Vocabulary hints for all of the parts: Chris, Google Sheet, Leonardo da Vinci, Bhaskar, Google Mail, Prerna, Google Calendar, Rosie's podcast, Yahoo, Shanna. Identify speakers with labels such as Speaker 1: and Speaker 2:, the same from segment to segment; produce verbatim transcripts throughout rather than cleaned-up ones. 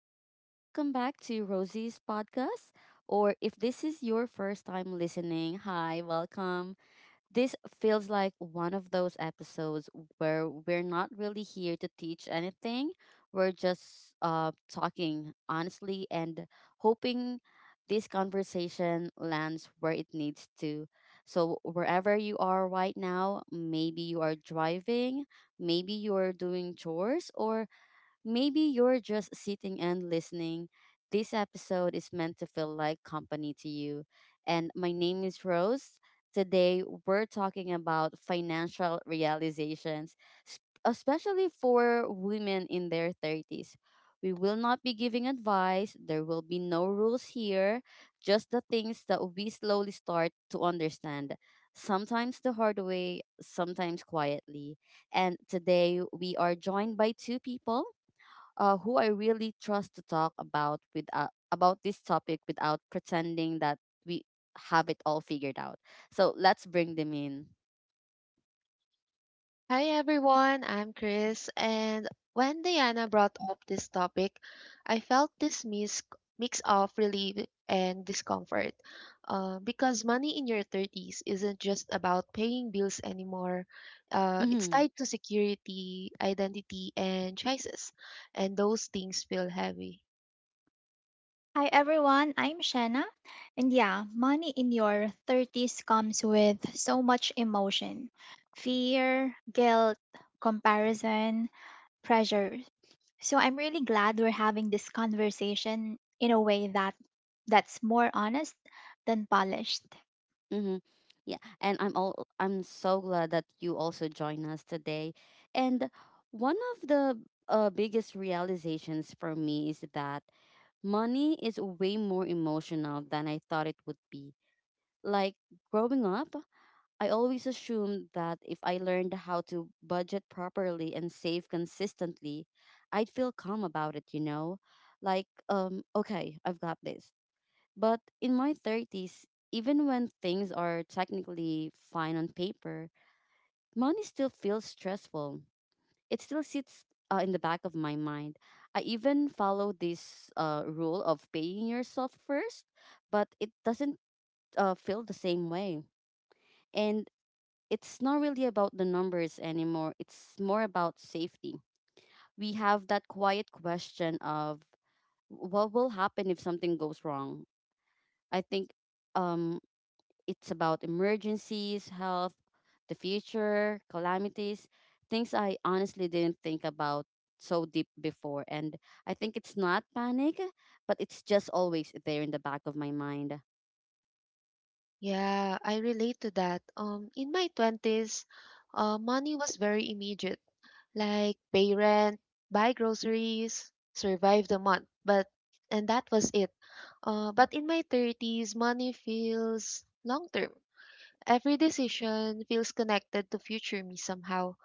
Speaker 1: Um, welcome back to Rosie's podcast. Or if this is your first time listening, hi, welcome. This feels like one of those episodes where we're not really here to teach anything. We're just uh, talking honestly and hoping this conversation lands where it needs to. So, wherever you are right now, maybe you are driving, maybe you are doing chores, or maybe you're just sitting and listening. This episode is meant to feel like company to you. And my name is Rose. Today, we're talking about financial realizations, s- especially for women in their thirties. We will not be giving advice. There will be no rules here, just the things that we slowly start to understand. Sometimes the hard way, sometimes quietly. And today we are joined by two people uh, who I really trust to talk about with uh, about this topic without pretending that we have it all figured out. So let's bring them in.
Speaker 2: Hi everyone, I'm Chris, and when Diana brought up this topic, I felt this mis- mix of relief and discomfort. Uh, because money in your thirties isn't just about paying bills anymore, uh, it's
Speaker 1: Mhm.
Speaker 2: tied to security, identity, and choices, and those things feel heavy.
Speaker 3: Hi everyone, I'm Shanna. And yeah, money in your thirties comes with so much emotion fear, guilt, comparison, pressure. So I'm really glad we're having this conversation in a way that that's more honest than polished.
Speaker 1: Mhm. Yeah, and I'm all I'm so glad that you also join us today. And one of the uh, biggest realizations for me is that money is way more emotional than I thought it would be. Like growing up, I always assumed that if I learned how to budget properly and save consistently, I'd feel calm about it, you know? Like, um, okay, I've got this. But in my thirties, even when things are technically fine on paper, money still feels stressful. It still sits uh, in the back of my mind. I even follow this uh, rule of paying yourself first, but it doesn't uh, feel the same way. And it's not really about the numbers anymore. It's more about safety. We have that quiet question of what will happen if something goes wrong. I think um, it's about emergencies, health, the future, calamities, things I honestly didn't think about so deep before. And I think it's not panic, but it's just always there in the back of my mind.
Speaker 2: Yeah, I relate to that. Um, in my twenties, uh, money was very immediate, like pay rent, buy groceries, survive the month. But and that was it. Uh, but in my thirties, money feels long term. Every decision feels connected to future me somehow,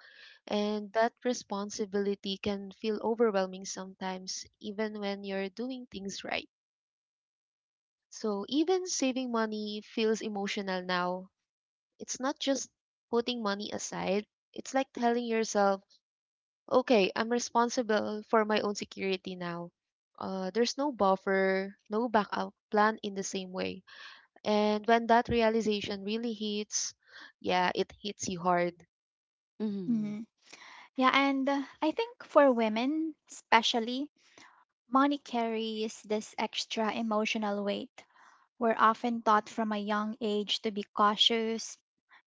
Speaker 2: and that responsibility can feel overwhelming sometimes, even when you're doing things right. So even saving money feels emotional now. It's not just putting money aside, it's like telling yourself, okay, I'm responsible for my own security now. Uh, there's no buffer, no backup plan in the same way. And when that realization really hits, yeah, it hits you hard.
Speaker 1: Hmm.
Speaker 3: Mhm. Yeah, and uh, I think for women, especially, money carries this extra emotional weight. We're often taught from a young age to be cautious,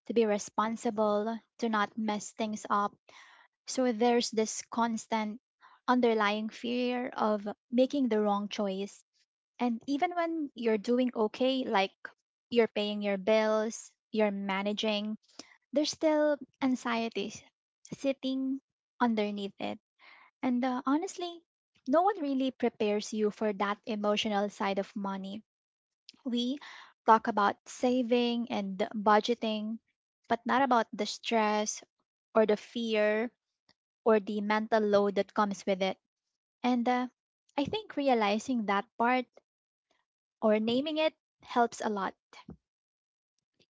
Speaker 3: to be responsible, to not mess things up. So there's this constant underlying fear of making the wrong choice. And even when you're doing okay, like you're paying your bills, you're managing, there's still anxiety sitting underneath it. And uh, honestly, no one really prepares you for that emotional side of money. We talk about saving and budgeting, but not about the stress or the fear or the mental load that comes with it. And uh, I think realizing that part or naming it helps a lot.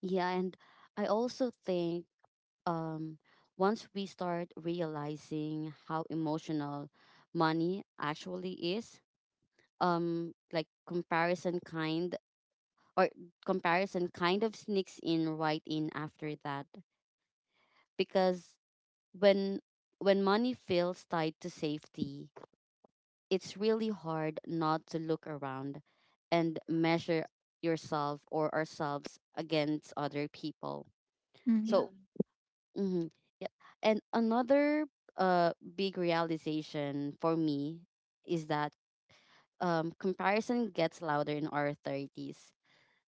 Speaker 1: Yeah, and I also think um, once we start realizing how emotional money actually is, um, like comparison kind or comparison kind of sneaks in right in after that, because when when money feels tied to safety, it's really hard not to look around and measure yourself or ourselves against other people. So.
Speaker 3: Mhm.
Speaker 1: Mm-hmm. Yep. And another uh big realization for me is that um comparison gets louder in our thirties.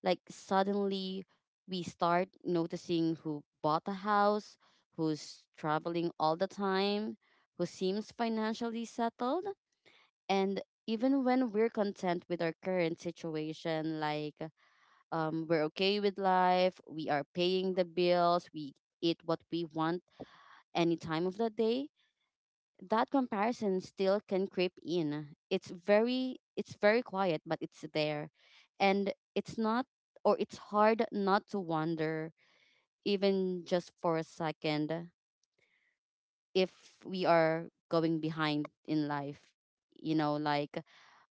Speaker 1: Like suddenly we start noticing who bought a house, who's traveling all the time, who seems financially settled, and even when we're content with our current situation, like um, we're okay with life, we are paying the bills, we eat what we want any time of the day, that comparison still can creep in. It's very it's very quiet, but it's there. And it's not, or it's hard not to wonder, even just for a second, if we are going behind in life. You know, like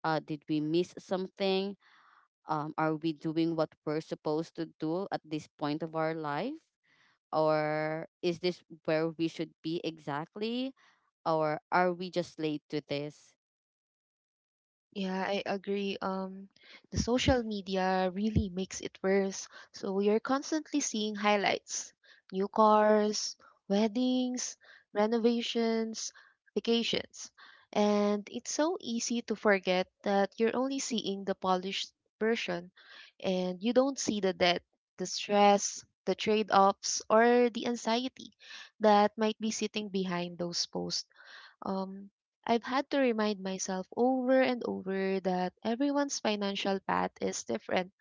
Speaker 1: uh, did we miss something? Um, are we doing what we're supposed to do at this point of our life? Or is this where we should be exactly, or are we just late to this?
Speaker 2: Yeah, I agree. Um, the social media really makes it worse. So you're constantly seeing highlights, new cars, weddings, renovations, vacations. And it's so easy to forget that you're only seeing the polished version and you don't see the debt, the stress, the trade-offs, or the anxiety that might be sitting behind those posts. um, I've had to remind myself over and over that everyone's financial path is different.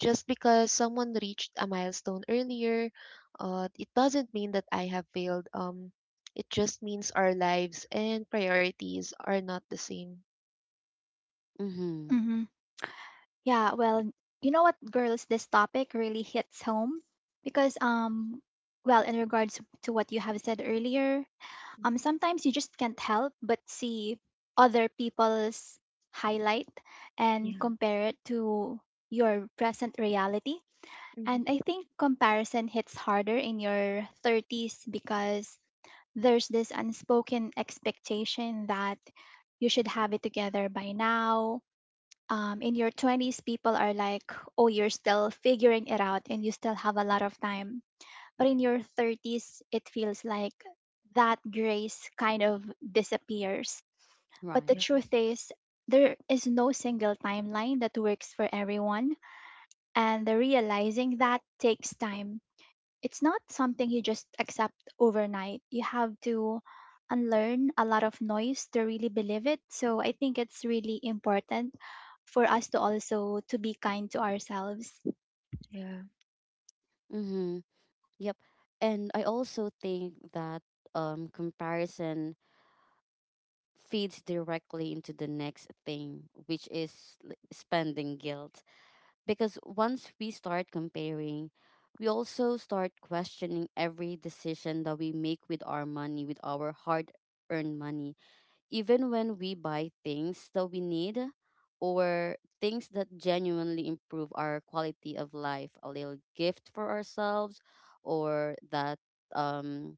Speaker 2: Just because someone reached a milestone earlier, uh, it doesn't mean that I have failed. Um, it just means our lives and priorities are not the same.
Speaker 1: Mm-hmm.
Speaker 3: Mhm. Yeah, well, you know what, girls, this topic really hits home because um well, in regards to what you have said earlier, um
Speaker 2: Mhm.
Speaker 3: sometimes you just can't help but see other people's highlight and
Speaker 2: Yeah.
Speaker 3: compare it to your present reality.
Speaker 2: hmm
Speaker 3: And I think comparison hits harder in your thirties because there's this unspoken expectation that you should have it together by now. Um, in your twenties, people are like, oh, you're still figuring it out and you still have a lot of time. But in your thirties, it feels like that grace kind of disappears. But the
Speaker 2: Yeah,
Speaker 1: Right.
Speaker 3: truth is, there is no single timeline that works for everyone. And the realizing that takes time, it's not something you just accept overnight. You have to unlearn a lot of noise to really believe it. So I think it's really important for us to also to be kind to ourselves.
Speaker 2: yeah,
Speaker 1: Mm-hmm. Yep. And I also think that um comparison feeds directly into the next thing, which is l- spending guilt, because once we start comparing, we also start questioning every decision that we make with our money, with our hard earned money. Even when we buy things that we need, or things that genuinely improve our quality of life, a little gift for ourselves, or that um,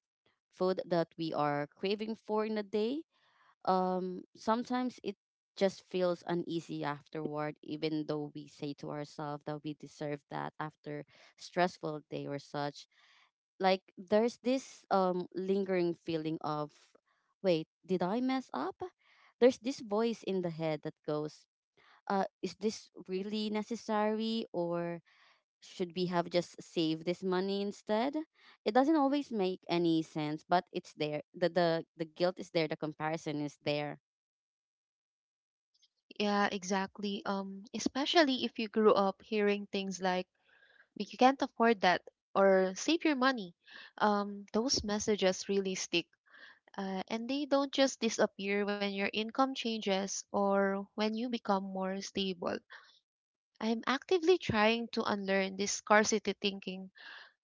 Speaker 1: food that we are craving for in a day, um, sometimes it just feels uneasy afterward, even though we say to ourselves that we deserve that after stressful day or such. Like there's this um lingering feeling of, wait, did I mess up? There's this voice in the head that goes, uh is this really necessary, or should we have just saved this money instead? It doesn't always make any sense, but it's there. The the, the guilt is there, the comparison is there.
Speaker 2: yeah, exactly. Um, especially if you grew up hearing things like "But you can't afford that" or "Save your money," um, those messages really stick. Uh, and they don't just disappear when your income changes or when you become more stable. I'm actively trying to unlearn this scarcity thinking,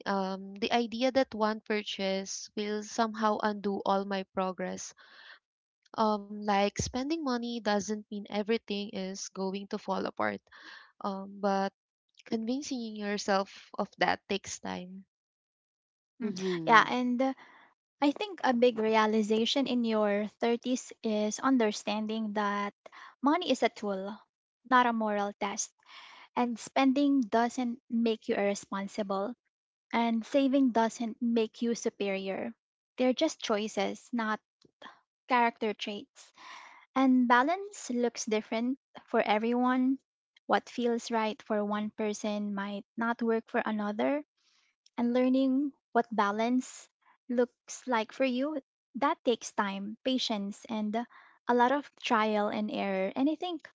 Speaker 2: um, the idea that one purchase will somehow undo all my progress. Um, like spending money doesn't mean everything is going to fall apart, um, but convincing yourself of that takes time.
Speaker 3: Mm.
Speaker 1: Mm-hmm.
Speaker 3: Yeah, and uh, I think a big realization in your thirties is understanding that money is a tool, not a moral test. And spending doesn't make you irresponsible, and saving doesn't make you superior. They're just choices, not character traits. And balance looks different for everyone. What feels right for one person might not work for another, and learning what balance looks like for you, that takes time, patience, and a lot of trial and error. And I think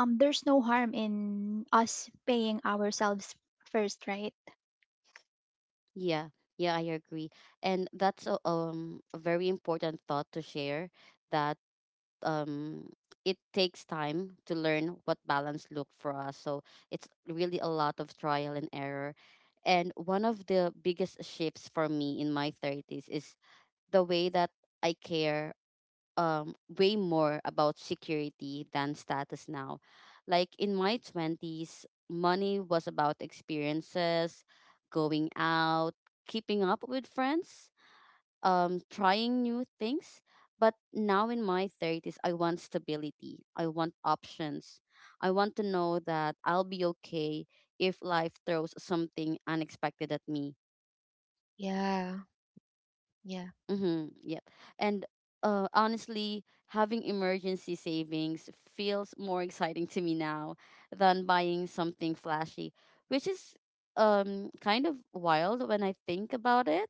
Speaker 3: um there's no harm in us paying ourselves first, right?
Speaker 1: Yeah, yeah, I agree. And that's a, um a very important thought to share, that um it takes time to learn what balance look for us. So it's really a lot of trial and error. And one of the biggest shifts for me in my thirties is the way that I care um way more about security than status now. Like in my twenties money was about experiences, going out, keeping up with friends, um trying new things, but now in my thirties I want stability, I want options, I want to know that I'll be okay if life throws something unexpected at me.
Speaker 2: Yeah, yeah,
Speaker 1: Mm-hmm. Yep. And uh, honestly, having emergency savings feels more exciting to me now than buying something flashy, which is um kind of wild when I think about it.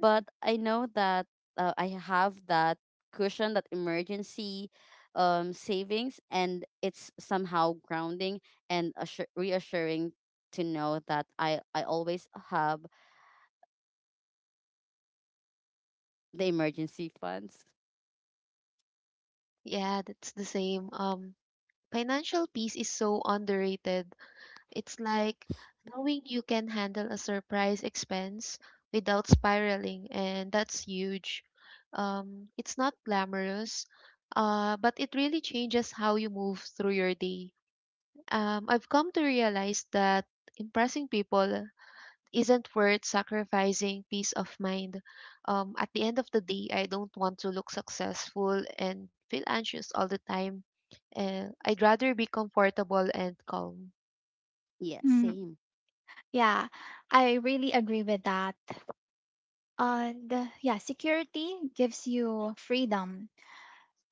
Speaker 1: But I know that uh, I have that cushion, that emergency um savings, and it's somehow grounding and assur- reassuring to know that I I always have the emergency funds.
Speaker 2: yeah, that's the same. Um, financial peace is so underrated. It's like knowing you can handle a surprise expense without spiraling, and that's huge. Um, it's not glamorous, uh, but it really changes how you move through your day. Um, I've come to realize that impressing people isn't worth sacrificing peace of mind. Um, at the end of the day, I don't want to look successful and feel anxious all the time. Uh, I'd rather be comfortable and calm.
Speaker 1: Yeah,
Speaker 3: Mm,
Speaker 1: same.
Speaker 3: yeah, I really agree with that. And uh, yeah, security gives you freedom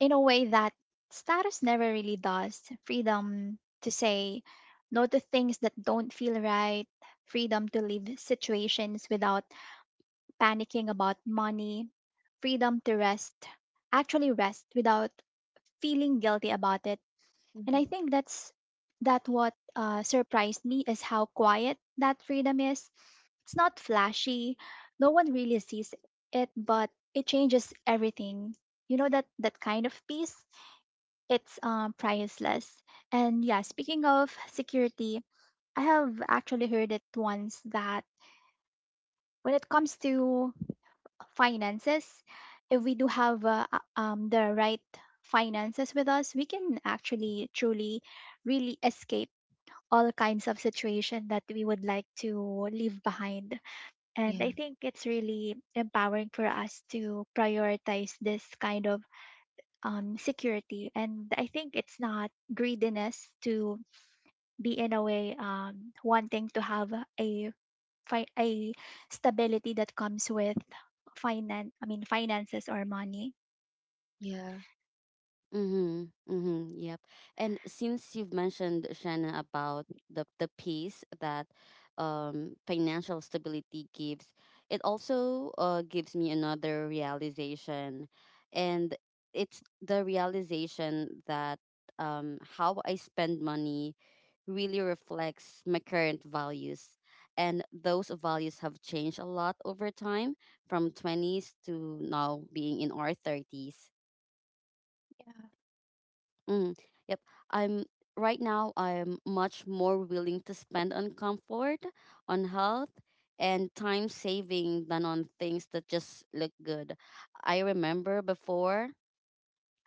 Speaker 3: in a way that status never really does. Freedom to say no to things that don't feel right, freedom to leave situations without panicking about money, freedom to rest, actually rest, without feeling guilty about it. And I
Speaker 2: Mhm.
Speaker 3: think that's that what uh, surprised me is how quiet that freedom is. It's not flashy. No one really sees it, but it changes everything. You know that that kind of peace, it's um, priceless. And yeah, speaking of security, I have actually heard it once that when it comes to finances, if we do have uh, uh, um, the right finances with us, we can actually truly really escape all kinds of situation that we would like to leave behind. And I
Speaker 2: Yeah.
Speaker 3: think it's really empowering for us to prioritize this kind of um, security. And I think it's not greediness to be in a way um, wanting to have a fi- a stability that comes with finance. I mean finances or money.
Speaker 2: Yeah.
Speaker 1: Mm-hmm. Mm-hmm. Yep. And since you've mentioned, Shanna, about the the peace that um financial stability gives, it also uh gives me another realization. And it's the realization that um how I spend money really reflects my current values. And those values have changed a lot over time, from twenties to now being in our thirties. Mm, yep. I'm Right now I'm much more willing to spend on comfort, on health, and time saving than on things that just look good. I remember before,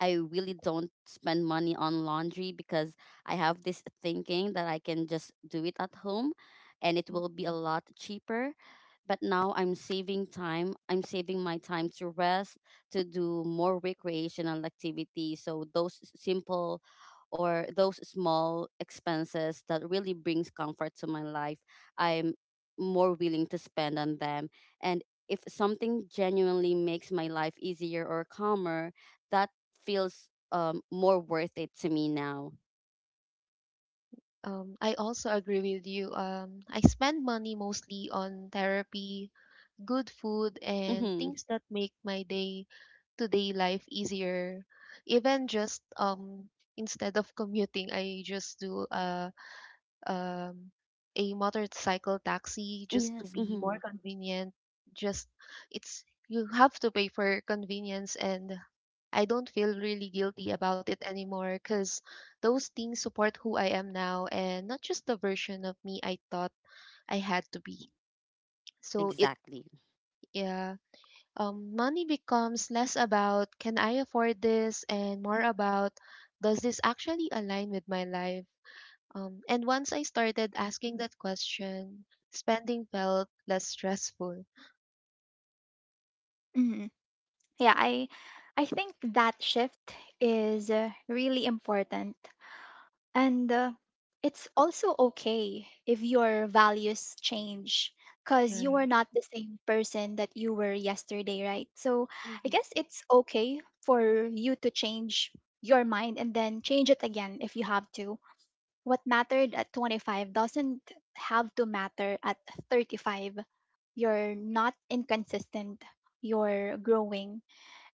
Speaker 1: I really don't spend money on laundry because I have this thinking that I can just do it at home and it will be
Speaker 2: Yeah.
Speaker 1: a lot cheaper. But now I'm saving time. I'm saving my time to rest, to do more recreational activities. So those s- simple or those small expenses that really brings comfort to my life, I'm more willing to spend on them. And if something genuinely makes my life easier or calmer, that feels um more worth it to me now.
Speaker 2: Um, I also agree with you. Um, I spend money mostly on therapy, good food, and
Speaker 1: Mm-hmm.
Speaker 2: things that make my day to day life easier. Even just um instead of commuting, I just do uh um, a motorcycle taxi just to
Speaker 1: Yes.
Speaker 2: be
Speaker 1: Mm-hmm.
Speaker 2: more convenient. Just it's you have to pay for convenience, and I don't feel really guilty about it anymore because those things support who I am now and not just the version of me I thought I had to be. So it
Speaker 1: Exactly.
Speaker 2: yeah, um, money becomes less about can I afford this and more about does this actually align with my life? Um, and once I started asking that question, spending felt less stressful.
Speaker 3: Mhm. Yeah, i i think that shift is uh, really important. And uh, it's also okay if your values change because
Speaker 2: Yeah.
Speaker 3: you are not the same person that you were yesterday, right? So I
Speaker 2: Mhm.
Speaker 3: guess it's okay for you to change your mind and then change it again if you have to. What mattered at twenty-five doesn't have to matter at thirty-five. You're not inconsistent, you're growing.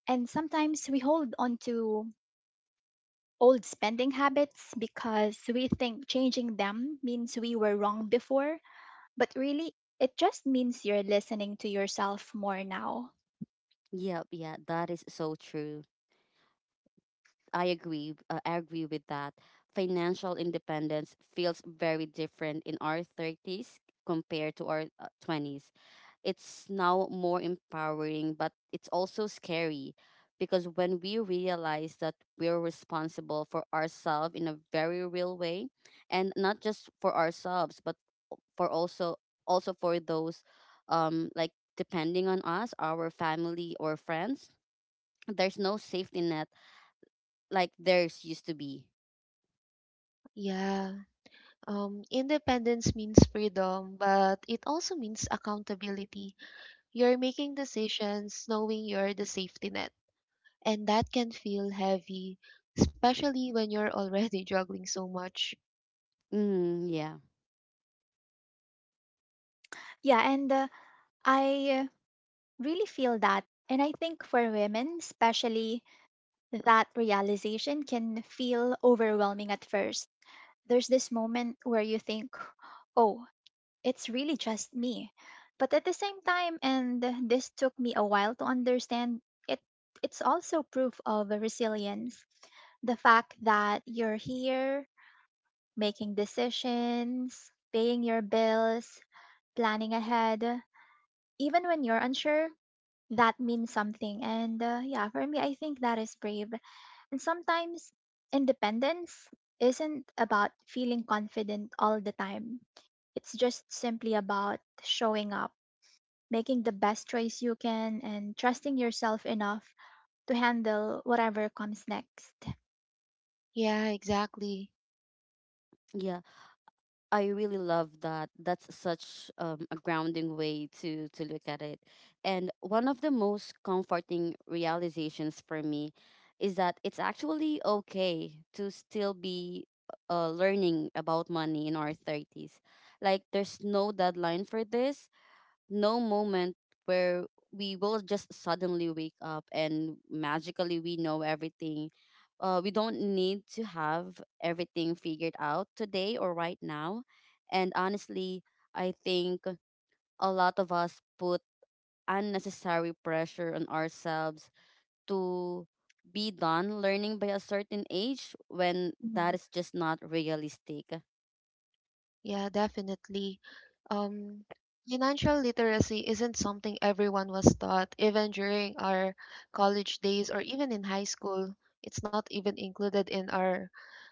Speaker 3: And sometimes we hold on to old spending habits because we think changing them means we were wrong before, but really, it just means you're listening to yourself more now.
Speaker 1: Yep. Yeah. That is so true. I agree. Uh, I agree with that. Financial independence feels very different in our thirties compared to our uh, twenties. It's now more empowering, but it's also scary, because when we realize that we're responsible for ourselves in a very real way, and not just for ourselves but for also also for those um like depending on us, our family or friends, there's no safety net like theirs used to be.
Speaker 2: Yeah. Um, independence means freedom, but it also means accountability. You're making decisions knowing you're the safety net, and that can feel heavy, especially when you're already juggling so much.
Speaker 1: Mm, yeah.
Speaker 3: Yeah, and uh, I really feel that. And I think for women, especially, that realization can feel overwhelming at first. There's this moment where you think, oh, it's really just me. But at the same time, and this took me a while to understand, it it's also proof of resilience. The fact that you're here, making decisions, paying your bills, planning ahead, even when you're unsure, that means something. And uh, yeah, for me, I think that is brave. And sometimes independence isn't about feeling confident all the time. It's just simply about showing up, making the best choice you can, and trusting yourself enough to handle whatever comes next.
Speaker 2: Yeah, exactly.
Speaker 1: Yeah, I really love that. That's such um, a grounding way to to look at it. And one of the most comforting realizations for me is that it's actually okay to still be uh, learning about money in our thirties. Like there's no deadline for this, no moment where we will just suddenly wake up and magically we know everything. Uh, we don't need to have everything figured out today or right now. And honestly, I think a lot of us put unnecessary pressure on ourselves to be done learning by a certain age, when that
Speaker 3: Mhm.
Speaker 1: is just not realistic.
Speaker 2: Yeah, definitely. Um, Financial literacy isn't something everyone was taught, even during our college days or even in high school. It's not even included in our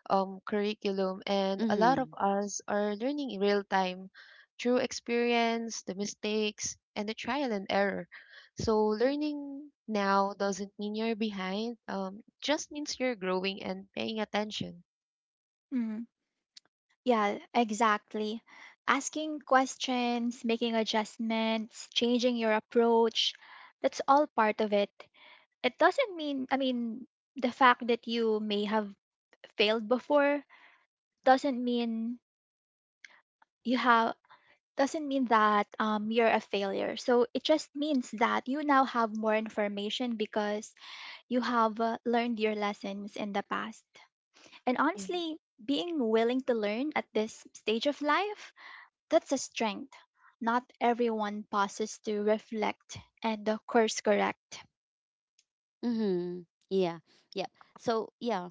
Speaker 2: um, curriculum, and a lot of
Speaker 1: Mm-hmm.
Speaker 2: us are learning in real time through experience, the mistakes, and the trial and error. So, learning now doesn't mean you're behind, um, just means you're growing and paying attention.
Speaker 3: Mm. Yeah, exactly. Asking questions, making adjustments, changing your approach, that's all part of it. It doesn't mean, I mean, the fact that you may have failed before doesn't mean you have doesn't mean that um, you're a failure. So it just means that you now have more information because you have uh, learned your lessons in the past. And honestly, being willing to learn at this stage of life, that's a strength. Not everyone pauses to reflect and uh, course correct.
Speaker 1: Mm-hmm. Yeah. Yeah. So yeah,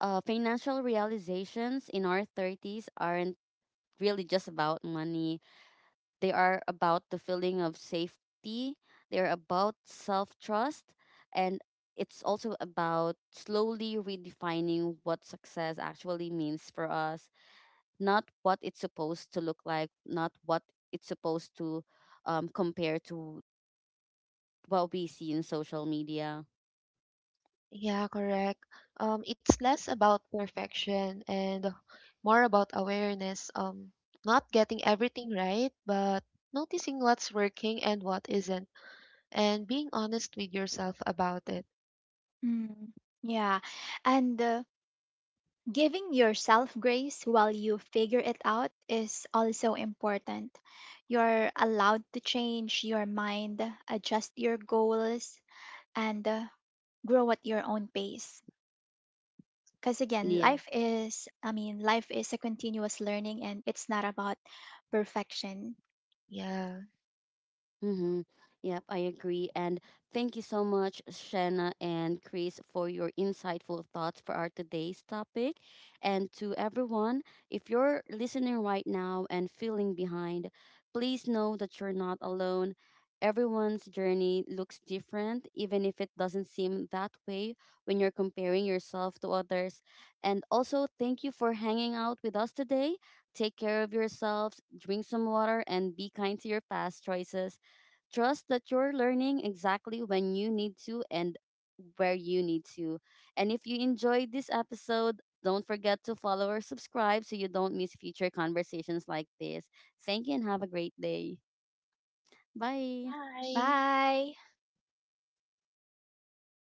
Speaker 1: uh, financial realizations in our thirties aren't really just about money. They are about the feeling of safety, they're about self trust, and it's also about slowly redefining what success actually means for us, not what it's supposed to look like, not what it's supposed to um, compare to what we see in social media.
Speaker 2: Yeah, correct. Um, it's less about perfection and more about awareness. Um, not getting everything right, but noticing what's working and what isn't, and being honest with yourself about it.
Speaker 3: Mm, yeah. And uh, giving yourself grace while you figure it out is also important. You're allowed to change your mind, adjust your goals, and uh, grow at your own pace. Because again,
Speaker 1: Yeah.
Speaker 3: life is, I mean, life is a continuous learning, and it's not about perfection.
Speaker 2: Yeah.
Speaker 1: Mm-hmm. Yep, I agree. And thank you so much, Shanna and Chris, for your insightful thoughts for our today's topic. And to everyone, if you're listening right now and feeling behind, please know that you're not alone. Everyone's journey looks different, even if it doesn't seem that way when you're comparing yourself to others. And also, thank you for hanging out with us today. Take care of yourselves, drink some water, and be kind to your past choices. Trust that you're learning exactly when you need to and where you need to. And if you enjoyed this episode, don't forget to follow or subscribe so you don't miss future conversations like this. Thank you and have a great day. Bye.
Speaker 2: Bye.
Speaker 3: Bye.